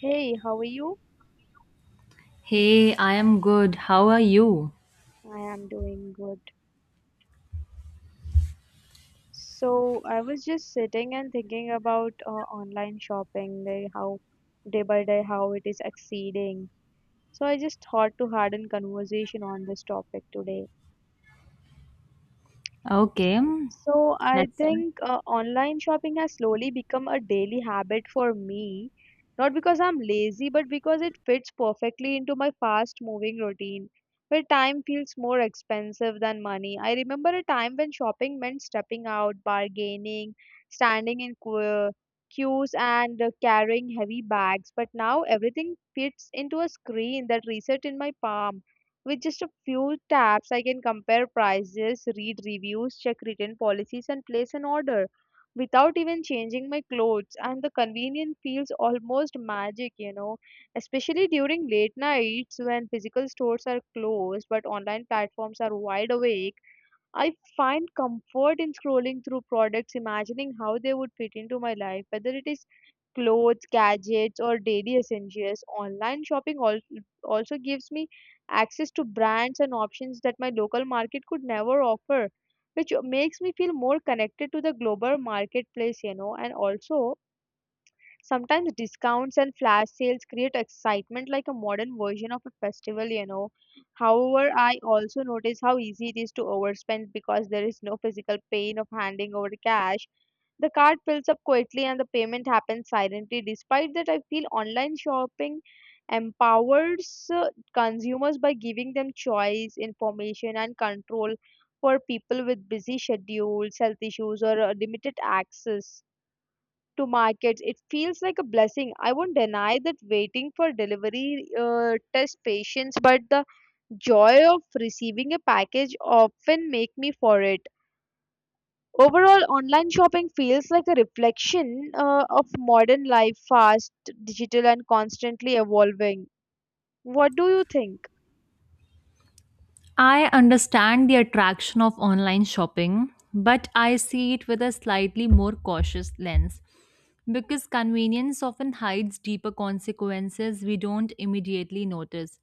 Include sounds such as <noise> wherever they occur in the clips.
Hey, how are you? Hey, I am good. How are you? I am doing good. So, I was just sitting and thinking about online shopping, like how day by day how it is exceeding. So, I just thought to had a conversation on this topic today. Okay, So I let's. think online shopping has slowly become a daily habit for me, not because I'm lazy, but because it fits perfectly into my fast moving routine, where time feels more expensive than money. I remember a time when shopping meant stepping out, bargaining, standing in queues, and carrying heavy bags, but now everything fits into a screen that reset in my palm. With just a few taps, I can compare prices, read reviews, check written policies, and place an order without even changing my clothes. And the convenience feels almost magic, especially during late nights when physical stores are closed but online platforms are wide awake. I find comfort in scrolling through products, imagining how they would fit into my life, whether it is clothes, gadgets, or daily essentials. Online shopping also gives me access to brands and options that my local market could never offer, which makes me feel more connected to the global marketplace, and also sometimes discounts and flash sales create excitement like a modern version of a festival. However, I also notice how easy it is to overspend because there is no physical pain of handing over cash. The card fills up quickly and the payment happens silently. Despite that, I feel online shopping empowers consumers by giving them choice, information, and control for people with busy schedules, health issues, or limited access to markets. It feels like a blessing. I won't deny that waiting for delivery tests patience, but the joy of receiving a package often make me for it. Overall, online shopping feels like a reflection of modern life, fast, digital, and constantly evolving. What do you think? I understand the attraction of online shopping, but I see it with a slightly more cautious lens because convenience often hides deeper consequences we don't immediately notice.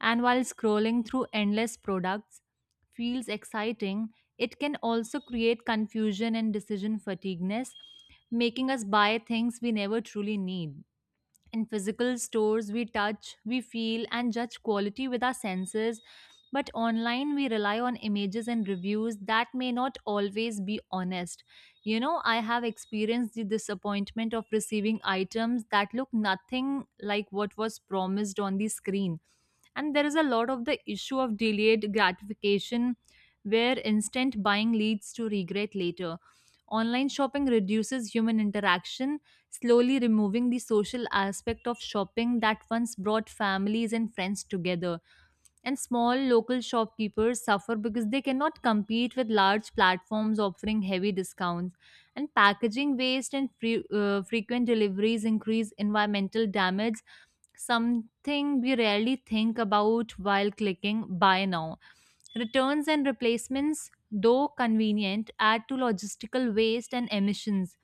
And while scrolling through endless products feels exciting, it can also create confusion and decision fatigueness, making us buy things we never truly need. In physical stores, we touch, we feel, and judge quality with our senses. But online, we rely on images and reviews that may not always be honest. You know, I have experienced the disappointment of receiving items that look nothing like what was promised on the screen. And there is a lot of the issue of delayed gratification where instant buying leads to regret later. Online shopping reduces human interaction, slowly removing the social aspect of shopping that once brought families and friends together. And small local shopkeepers suffer because they cannot compete with large platforms offering heavy discounts. And packaging waste and frequent deliveries increase environmental damage, something we rarely think about while clicking buy now. Returns and replacements, though convenient, add to logistical waste and emissions.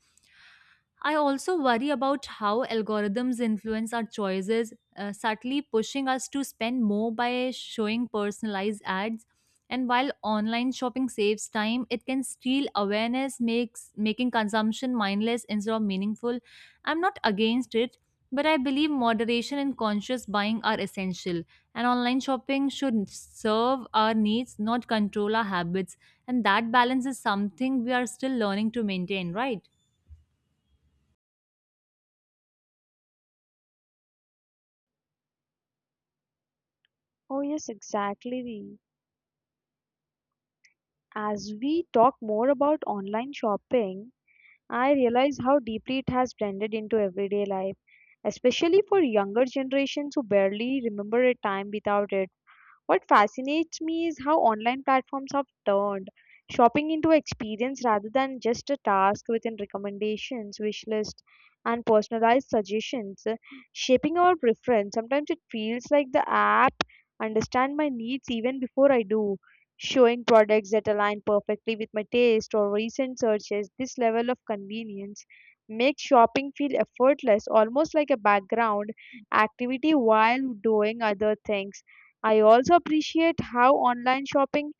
I also worry about how algorithms influence our choices, subtly pushing us to spend more by showing personalized ads. And while online shopping saves time, it can steal awareness, makes making consumption mindless instead of meaningful. I'm not against it, but I believe moderation and conscious buying are essential. And online shopping should serve our needs, not control our habits. And that balance is something we are still learning to maintain, right? Oh, yes, exactly. As we talk more about online shopping, I realize how deeply it has blended into everyday life, especially for younger generations who barely remember a time without it. What fascinates me is how online platforms have turned shopping into experience rather than just a task within recommendations, wish lists, and personalized suggestions, shaping our preference. Sometimes it feels like the app understand my needs even before I do, showing products that align perfectly with my taste or recent searches. This level of convenience makes shopping feel effortless, almost like a background activity while doing other things. I also appreciate how online shopping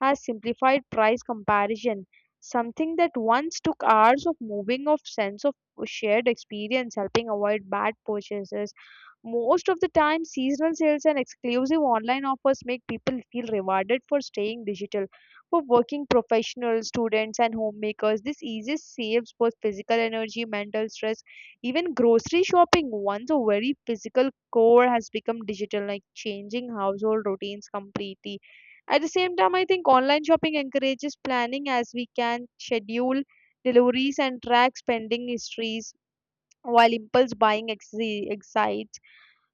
has simplified price comparison, something that once took hours of moving of sense of shared experience, helping avoid bad purchases. Most of the time, seasonal sales and exclusive online offers make people feel rewarded for staying digital. For working professionals, students, and homemakers, this easiest saves both physical energy, mental stress, even grocery shopping. Once a very physical core has become digital, like changing household routines completely. At the same time, I think online shopping encourages planning as we can schedule deliveries and track spending histories while impulse buying excites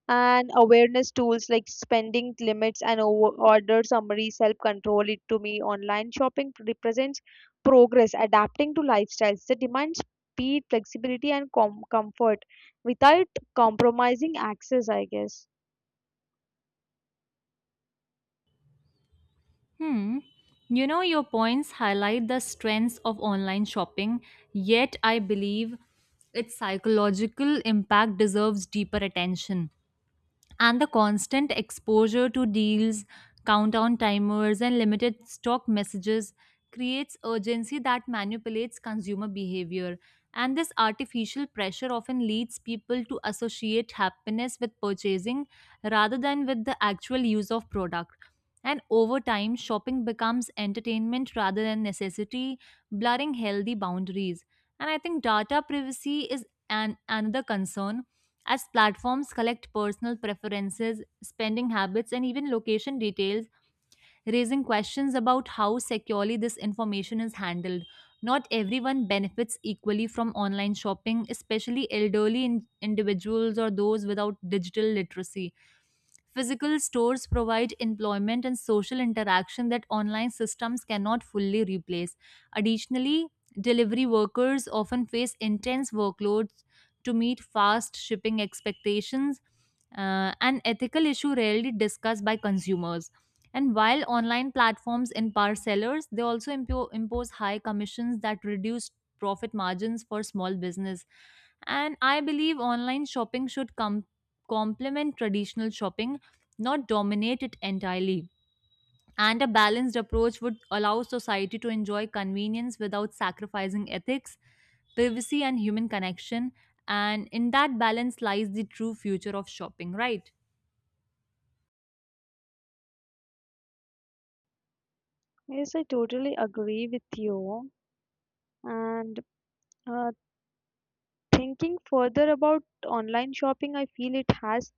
and awareness tools like spending limits and order summaries help control it to me. Online shopping represents progress, adapting to lifestyles that demand speed, flexibility, and comfort without compromising access, I guess. Hmm. You know, your points highlight the strengths of online shopping, yet, I believe its psychological impact deserves deeper attention and the constant exposure to deals, countdown timers, and limited stock messages creates urgency that manipulates consumer behavior. And this artificial pressure often leads people to associate happiness with purchasing rather than with the actual use of product. And over time, shopping becomes entertainment rather than necessity, blurring healthy boundaries. And I think data privacy is an another concern as platforms collect personal preferences, spending habits, and even location details, raising questions about how securely this information is handled. Not everyone benefits equally from online shopping, especially elderly individuals or those without digital literacy. Physical stores provide employment and social interaction that online systems cannot fully replace. Additionally, delivery workers often face intense workloads to meet fast shipping expectations, an ethical issue rarely discussed by consumers. And while online platforms empower sellers, they also impose high commissions that reduce profit margins for small business. And I believe online shopping should come complement traditional shopping, not dominate it entirely. And a balanced approach would allow society to enjoy convenience without sacrificing ethics, privacy, and human connection. And in that balance lies the true future of shopping, right? Yes, I totally agree with you. And uh, thinking further about online shopping, I feel it has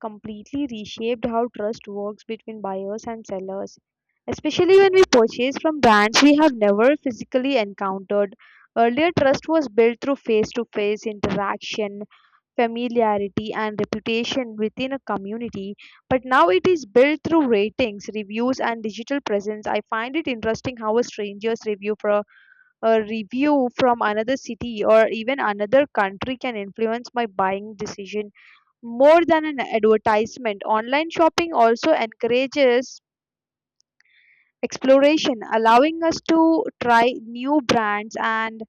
completely reshaped how trust works between buyers and sellers, especially when we purchase from brands we have never physically encountered. Earlier, trust was built through face to face interaction, familiarity, and reputation within a community. But now it is built through ratings, reviews, and digital presence. I find it interesting how a stranger's review for a review from another city or even another country can influence my buying decision more than an advertisement. Online shopping also encourages exploration, allowing us to try new brands and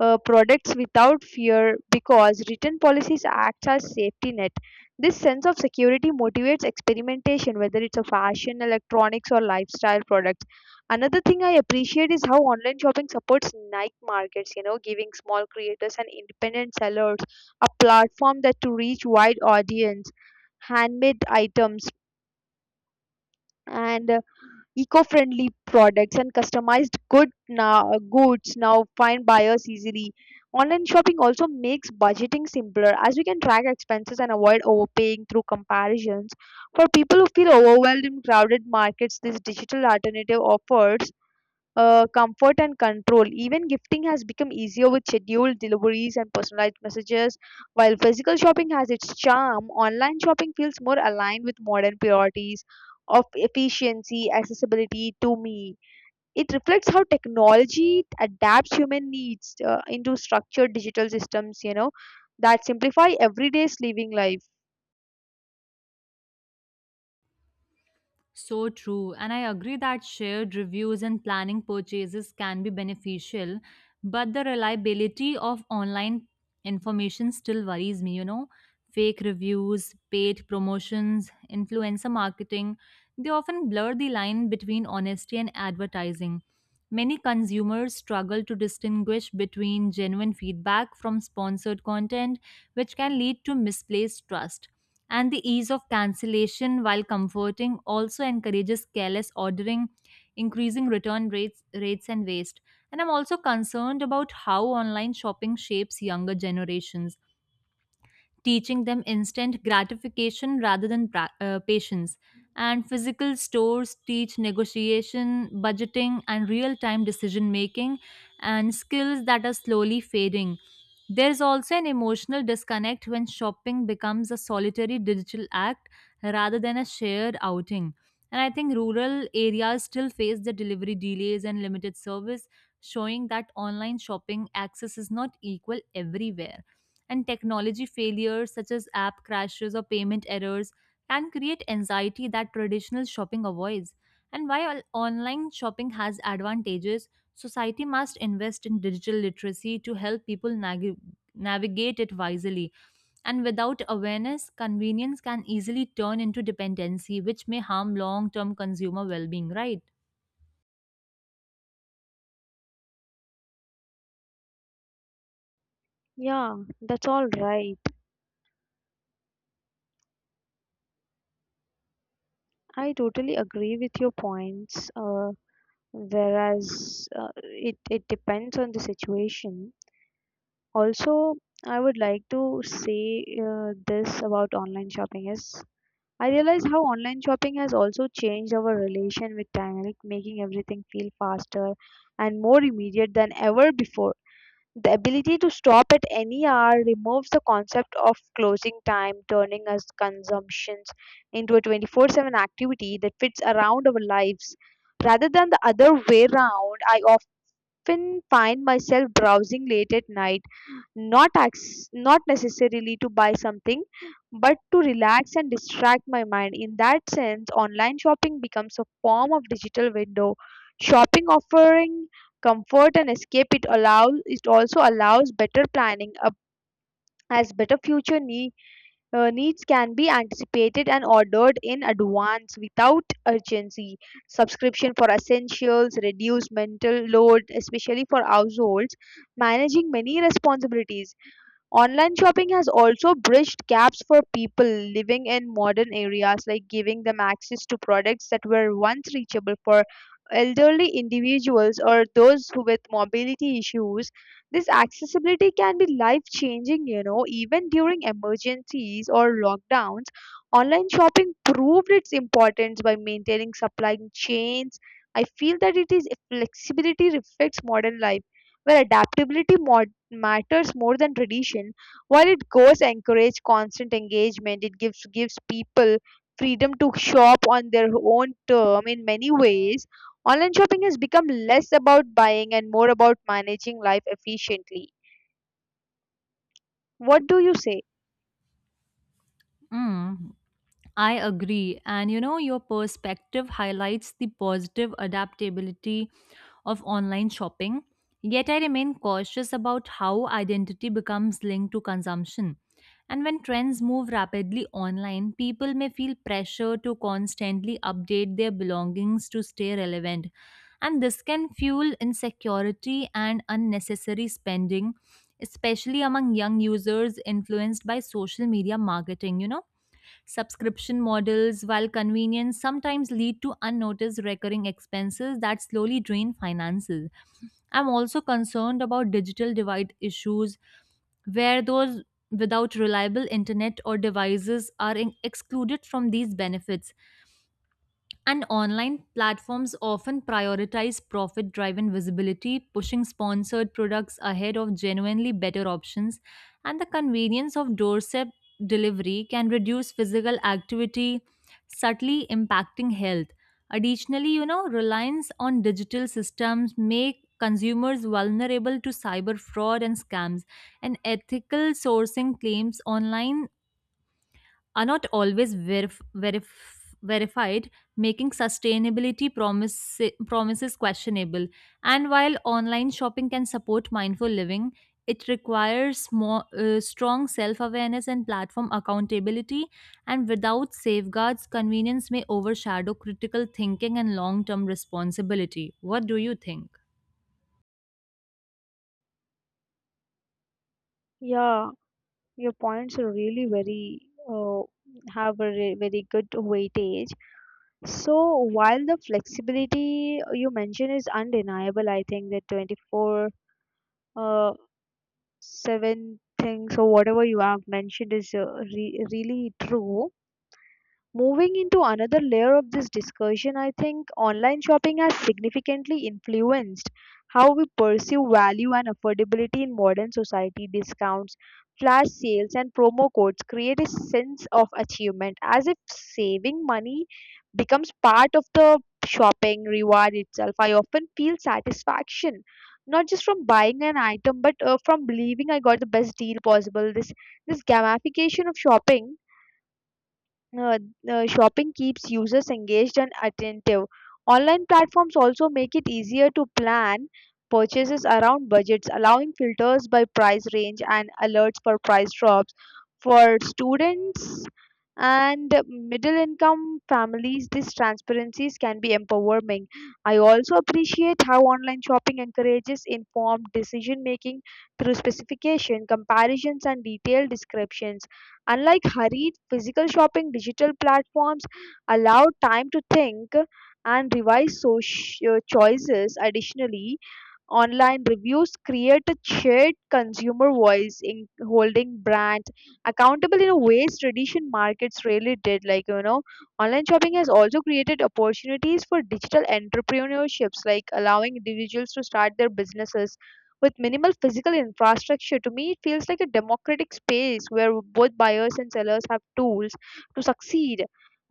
products without fear because written policies act as safety net. This sense of security motivates experimentation, whether it's a fashion, electronics, or lifestyle products. Another thing I appreciate is how online shopping supports niche markets, giving small creators and independent sellers a platform that to reach wide audience, handmade items, and eco-friendly products and customized goods now find buyers easily. Online shopping also makes budgeting simpler as we can track expenses and avoid overpaying through comparisons. For people who feel overwhelmed in crowded markets, this digital alternative offers comfort and control. Even gifting has become easier with scheduled deliveries and personalized messages. While physical shopping has its charm, online shopping feels more aligned with modern priorities of efficiency, accessibility to me. It reflects how technology adapts human needs into structured digital systems, that simplify everyday's living life. So true. And I agree that shared reviews and planning purchases can be beneficial, but the reliability of online information still worries me, you know. Fake reviews, paid promotions, influencer marketing, they often blur the line between honesty and advertising. Many consumers struggle to distinguish between genuine feedback from sponsored content, which can lead to misplaced trust, and the ease of cancellation while comforting also encourages careless ordering, increasing return rates and waste. And I'm also concerned about how online shopping shapes younger generations, teaching them instant gratification rather than patience. And physical stores teach negotiation, budgeting, and real time decision making, and skills that are slowly fading. There's also an emotional disconnect when shopping becomes a solitary digital act rather than a shared outing. And I think rural areas still face the delivery delays and limited service, showing that online shopping access is not equal everywhere. And technology failures such as app crashes or payment errors can create anxiety that traditional shopping avoids. And while online shopping has advantages, society must invest in digital literacy to help people navigate it wisely. And without awareness, convenience can easily turn into dependency, which may harm long term consumer well being, right? Yeah, that's all right. I totally agree with your points. Whereas it depends on the situation. Also, I would like to say this about online shopping is, I realize how online shopping has also changed our relation with time, like making everything feel faster and more immediate than ever before. The ability to stop at any hour removes the concept of closing time, turning us consumptions into a 24/7 activity that fits around our lives rather than the other way round. I often find myself browsing late at night, not necessarily to buy something, but to relax and distract my mind. In that sense, online shopping becomes a form of digital window. Shopping offering comfort and escape it also allows better planning up as better future needs can be anticipated and ordered in advance without urgency. Subscription for essentials, reduce mental load, especially for households managing many responsibilities. Online shopping has also bridged gaps for people living in modern areas, like giving them access to products that were once reachable for elderly individuals or those who with mobility issues. This accessibility can be life changing, even during emergencies or lockdowns. Online shopping proved its importance by maintaining supply chains. I feel that it is flexibility reflects modern life where adaptability matters more than tradition. While it goes encourage constant engagement, it gives people freedom to shop on their own term in many ways. Online shopping has become less about buying and more about managing life efficiently. What do you say? Mm, I agree. And you know, your perspective highlights the positive adaptability of online shopping, yet I remain cautious about how identity becomes linked to consumption. And when trends move rapidly online, people may feel pressure to constantly update their belongings to stay relevant. And this can fuel insecurity and unnecessary spending, especially among young users influenced by social media marketing, you know. Subscription models, while convenient, sometimes lead to unnoticed recurring expenses that slowly drain finances. I'm also concerned about digital divide issues where those without reliable internet or devices are excluded from these benefits. And online platforms often prioritize profit driven visibility, pushing sponsored products ahead of genuinely better options. And the convenience of doorstep delivery can reduce physical activity, subtly impacting health. Additionally, you know, reliance on digital systems make consumers vulnerable to cyber fraud and scams, and ethical sourcing claims online are not always verified, making sustainability promises questionable. And while online shopping can support mindful living, it requires more strong self-awareness and platform accountability, and without safeguards convenience may overshadow critical thinking and long-term responsibility. What do you think? Yeah, your points are really very have a very good weightage. So while the flexibility you mentioned is undeniable, I think that 24 uh, seven things or whatever you have mentioned is really true. Moving into another layer of this discussion, I think online shopping has significantly influenced how we perceive value and affordability in modern society. Discounts, flash sales, and promo codes create a sense of achievement as if saving money becomes part of the shopping reward itself. I often feel satisfaction not just from buying an item but from believing I got the best deal possible. This gamification of uh, shopping keeps users engaged and attentive. Online platforms also make it easier to plan purchases around budgets, allowing filters by price range and alerts for price drops. For students and middle income families, these transparencies can be empowering. I also appreciate how online shopping encourages informed decision making through specification, comparisons, and detailed descriptions. Unlike hurried physical shopping, digital platforms allow time to think and revise choices. Additionally, online reviews create a shared consumer voice in holding brand accountable in a ways tradition markets really did. Like, online shopping has also created opportunities for digital entrepreneurships, like allowing individuals to start their businesses with minimal physical infrastructure. To me, it feels like a democratic space where both buyers and sellers have tools to succeed.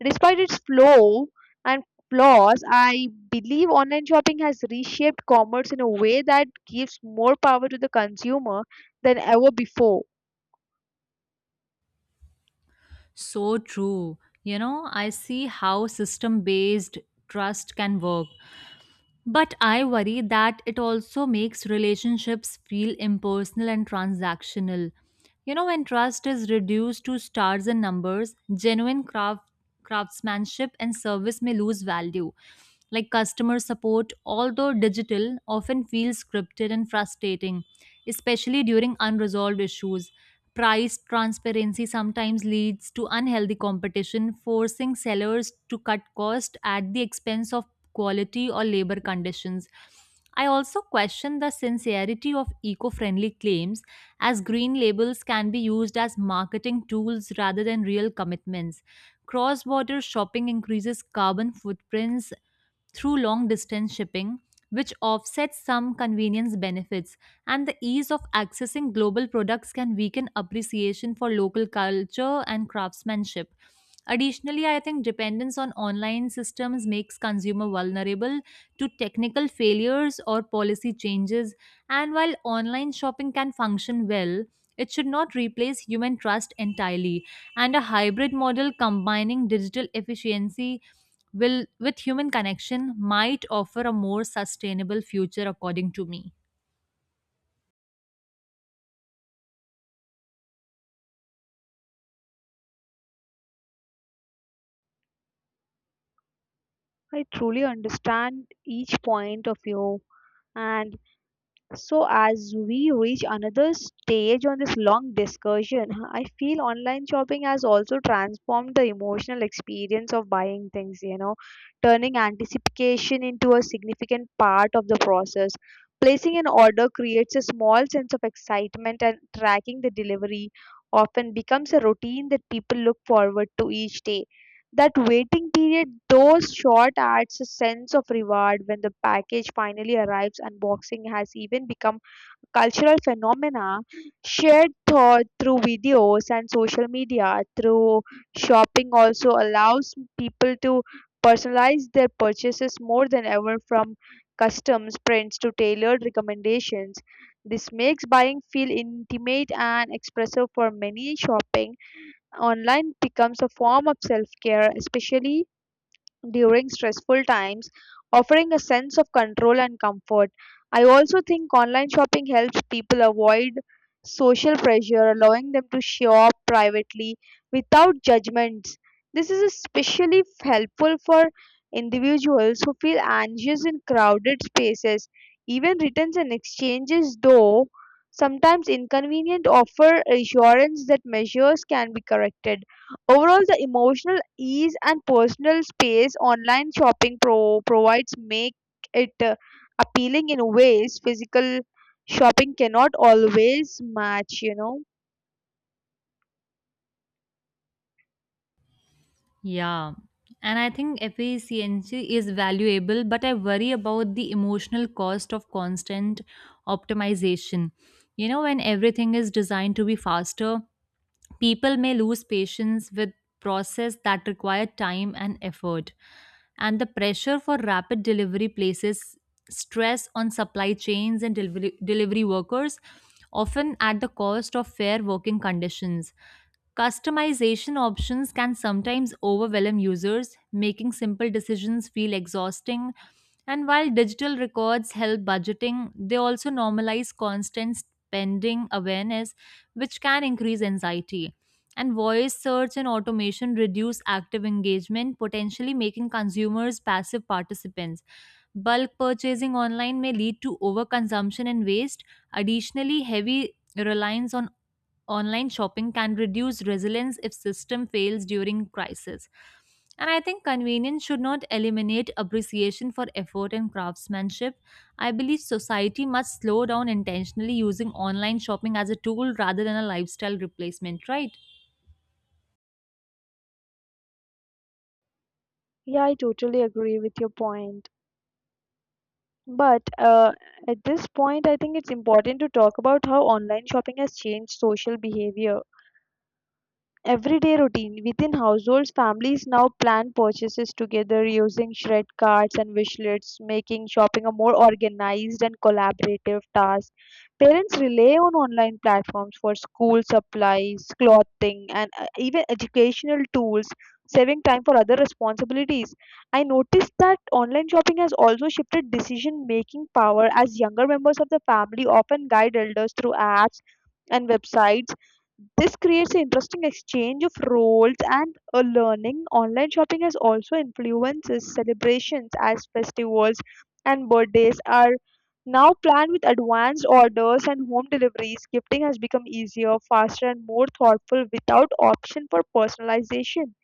Despite its flow, and flaws, I believe online shopping has reshaped commerce in a way that gives more power to the consumer than ever before. So true. You know, I see how system based trust can work. But I worry that it also makes relationships feel impersonal and transactional. You know, when trust is reduced to stars and numbers, craftsmanship and service may lose value. Like customer support, although digital, often feels scripted and frustrating, especially during unresolved issues. Price transparency sometimes leads to unhealthy competition, forcing sellers to cut cost at the expense of quality or labor conditions. I also question the sincerity of eco friendly claims, as green labels can be used as marketing tools rather than real commitments. Cross border shopping increases carbon footprints through long distance shipping, which offsets some convenience benefits, and the ease of accessing global products can weaken appreciation for local culture and craftsmanship. Additionally, I think dependence on online systems makes consumer vulnerable to technical failures or policy changes. And while online shopping can function well, it should not replace human trust entirely. And a hybrid model combining digital efficiency will with human connection might offer a more sustainable future according to me. I truly understand each point of view, and so, as we reach another stage on this long discussion, <laughs> I feel online shopping has also transformed the emotional experience of buying things, turning anticipation into a significant part of the process. Placing an order creates a small sense of excitement, and tracking the delivery often becomes a routine that people look forward to each day. That waiting period those short adds a sense of reward when the package finally arrives. Unboxing has even become a cultural phenomena shared thought through videos and social media. Through shopping also allows people to personalize their purchases more than ever from customs prints to tailored recommendations. This makes buying feel intimate and expressive for many. Shopping online becomes a form of self care, especially during stressful times, offering a sense of control and comfort. I also think online shopping helps people avoid social pressure, allowing them to shop privately without judgments. This is especially helpful for individuals who feel anxious in crowded spaces. Even returns and exchanges, though sometimes inconvenient, offer assurance that measures can be corrected. Overall, the emotional ease and personal space online shopping provides make it appealing in ways physical shopping cannot always match, you know. Yeah. And I think efficiency is valuable, but I worry about the emotional cost of constant optimization. You know, when everything is designed to be faster, people may lose patience with process that require time and effort. And the pressure for rapid delivery places stress on supply chains and delivery workers, often at the cost of fair working conditions. Customization options can sometimes overwhelm users, making simple decisions feel exhausting. And while digital records help budgeting, they also normalize constant spending awareness, which can increase anxiety. And voice search and automation reduce active engagement, potentially making consumers passive participants. Bulk purchasing online may lead to overconsumption and waste. Additionally, heavy reliance on online shopping can reduce resilience if system fails during crisis. And I think convenience should not eliminate appreciation for effort and craftsmanship. I believe society must slow down intentionally, using online shopping as a tool rather than a lifestyle replacement, right? Yeah, I totally agree with your point. But at this point, I think it's important to talk about how online shopping has changed social behavior. Everyday routine within households, families now plan purchases together using shred cards and wish lists, making shopping a more organized and collaborative task. Parents rely on online platforms for school supplies, clothing, and even educational tools, saving time for other responsibilities. I noticed that online shopping has also shifted decision making power as younger members of the family often guide elders through apps and websites. This creates an interesting exchange of roles and a learning. Online shopping has also influences celebrations as festivals and birthdays are now planned with advanced orders and home deliveries. Gifting has become easier, faster, and more thoughtful without option for personalization.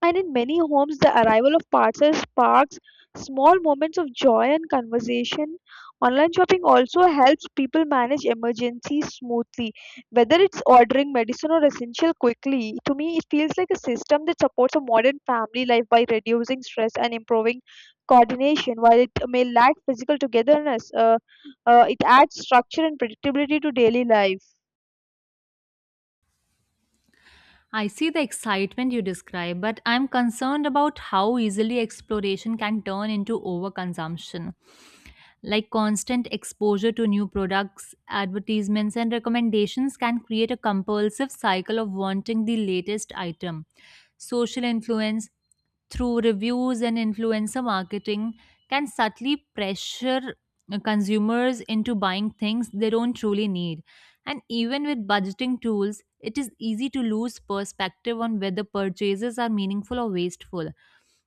And in many homes, the arrival of parcels sparks small moments of joy and conversation. Online shopping also helps people manage emergencies smoothly, whether it's ordering medicine or essential quickly. To me, it feels like a system that supports a modern family life by reducing stress and improving coordination. While it may lack physical togetherness, it adds structure and predictability to daily life. I see the excitement you describe, but I'm concerned about how easily exploration can turn into overconsumption. Like constant exposure to new products, advertisements, and recommendations can create a compulsive cycle of wanting the latest item. Social influence through reviews and influencer marketing can subtly pressure consumers into buying things they don't truly need. And even with budgeting tools, it is easy to lose perspective on whether purchases are meaningful or wasteful.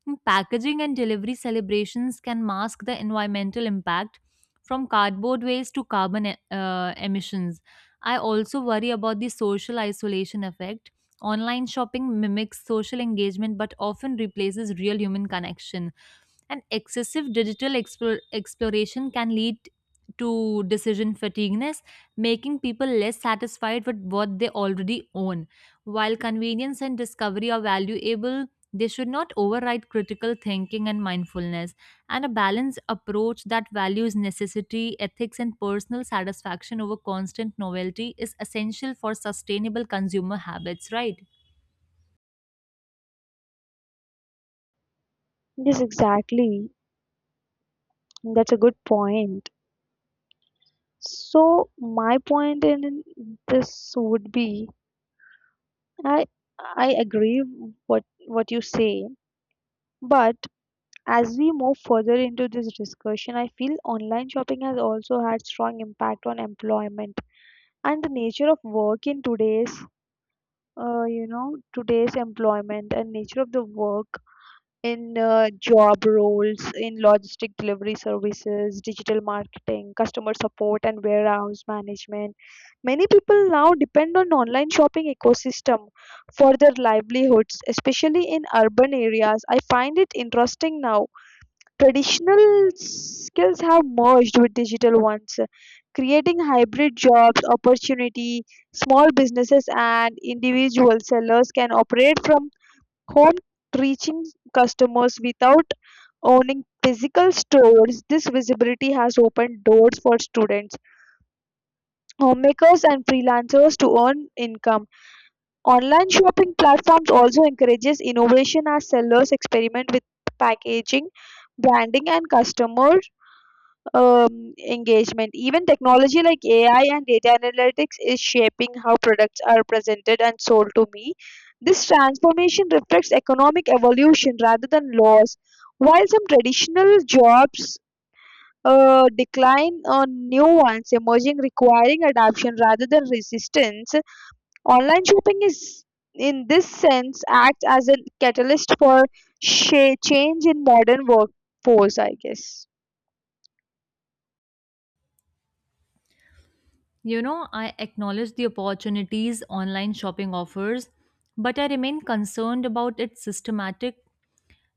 And packaging and delivery celebrations can mask the environmental impact from cardboard waste to carbon emissions. I also worry about the social isolation effect. Online shopping mimics social engagement but often replaces real human connection, and excessive digital exploration can lead to decision fatigueness, making people less satisfied with what they already own. While convenience and discovery are valuable, they should not override critical thinking and mindfulness, and a balanced approach that values necessity, ethics, and personal satisfaction over constant novelty is essential for sustainable consumer habits, right? Yes, exactly. That's a good point. So my point in this would be, I I agree what you say, but as we move further into this discussion, I feel online shopping has also had strong impact on employment and the nature of work in today's today's employment and nature of the work in job roles in logistic delivery services, digital marketing, customer support, and warehouse management. Many people now depend on online shopping ecosystem for their livelihoods, especially in urban areas. I find it interesting now. Traditional skills have merged with digital ones, creating hybrid jobs opportunity. Small businesses and individual sellers can operate from home, reaching customers without owning physical stores. This visibility has opened doors for students, homemakers and freelancers to earn income. Online shopping platforms also encourages innovation as sellers experiment with packaging, branding and customer engagement. Even technology like AI and data analytics is shaping how products are presented and sold to me. This transformation reflects economic evolution rather than laws. While some traditional jobs decline on new ones emerging requiring adaptation rather than resistance, online shopping is in this sense acts as a catalyst for change in modern workforce, I guess. You know, I acknowledge the opportunities online shopping offers, but I remain concerned about its systematic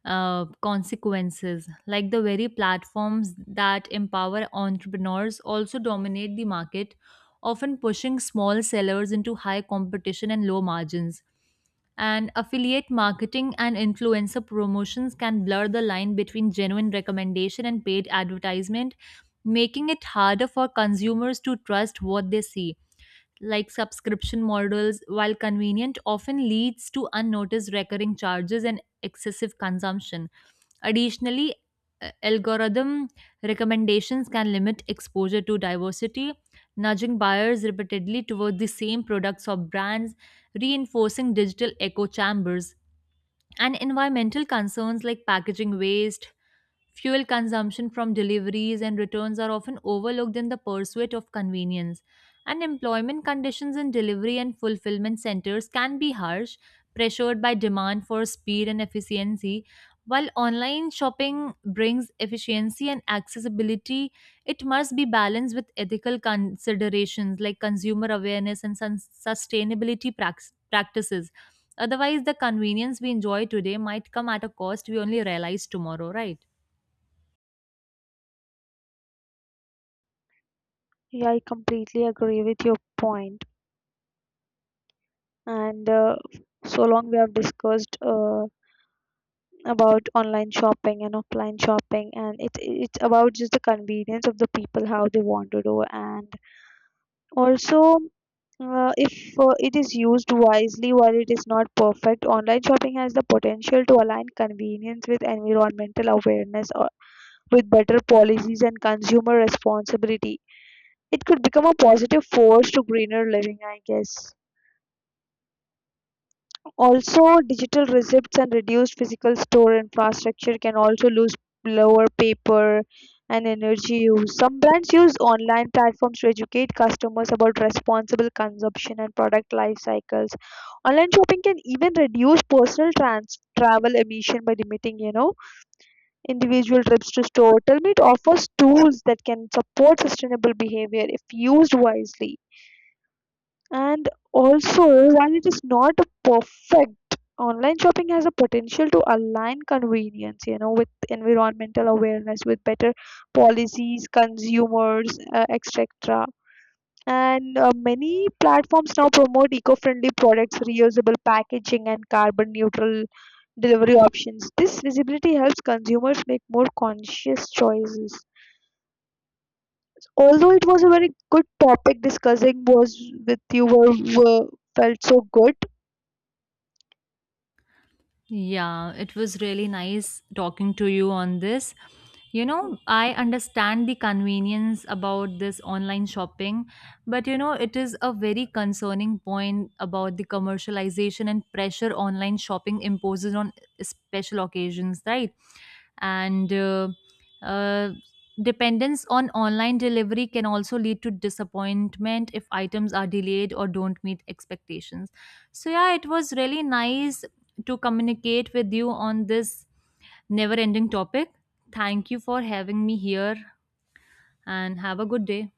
consequences. Like the very platforms that empower entrepreneurs also dominate the market, often pushing small sellers into high competition and low margins. And affiliate marketing and influencer promotions can blur the line between genuine recommendation and paid advertisement, making it harder for consumers to trust what they see, like subscription models, while convenient, often leads to unnoticed recurring charges and excessive consumption. Additionally, algorithm recommendations can limit exposure to diversity, nudging buyers repeatedly toward the same products or brands, reinforcing digital echo chambers. And environmental concerns like packaging waste, fuel consumption from deliveries and returns are often overlooked in the pursuit of convenience, and employment conditions in delivery and fulfillment centers can be harsh, pressured by demand for speed and efficiency. While online shopping brings efficiency and accessibility, it must be balanced with ethical considerations like consumer awareness and sustainability practices. Otherwise, the convenience we enjoy today might come at a cost we only realize tomorrow, right? Yeah, I completely agree with your point. And so long we have discussed about online shopping and offline shopping, and it's about just the convenience of the people how they want to do, and also, if it is used wisely while it is not perfect, online shopping has the potential to align convenience with environmental awareness or with better policies and consumer responsibility. It could become a positive force to greener living, I guess. Also, digital receipts and reduced physical store infrastructure can also lose lower paper and energy use. Some brands use online platforms to educate customers about responsible consumption and product life cycles. Online shopping can even reduce personal travel emission by limiting, you know, individual trips to store. Tell me it offers tools that can support sustainable behavior if used wisely. And also, while it is not a perfect, online shopping has a potential to align convenience, you know, with environmental awareness, with better policies, consumers, etc. And many platforms now promote eco-friendly products, reusable packaging, and carbon neutral delivery options. This visibility helps consumers make more conscious choices. Although it was a very good topic discussing was with you, were felt so good. Yeah, it was really nice talking to you on this. You know, I understand the convenience about this online shopping, but you know, it is a very concerning point about the commercialization and pressure online shopping imposes on special occasions, right? And uh, dependence on online delivery can also lead to disappointment if items are delayed or don't meet expectations. So yeah, it was really nice to communicate with you on this never ending topic. Thank you for having me here, and have a good day.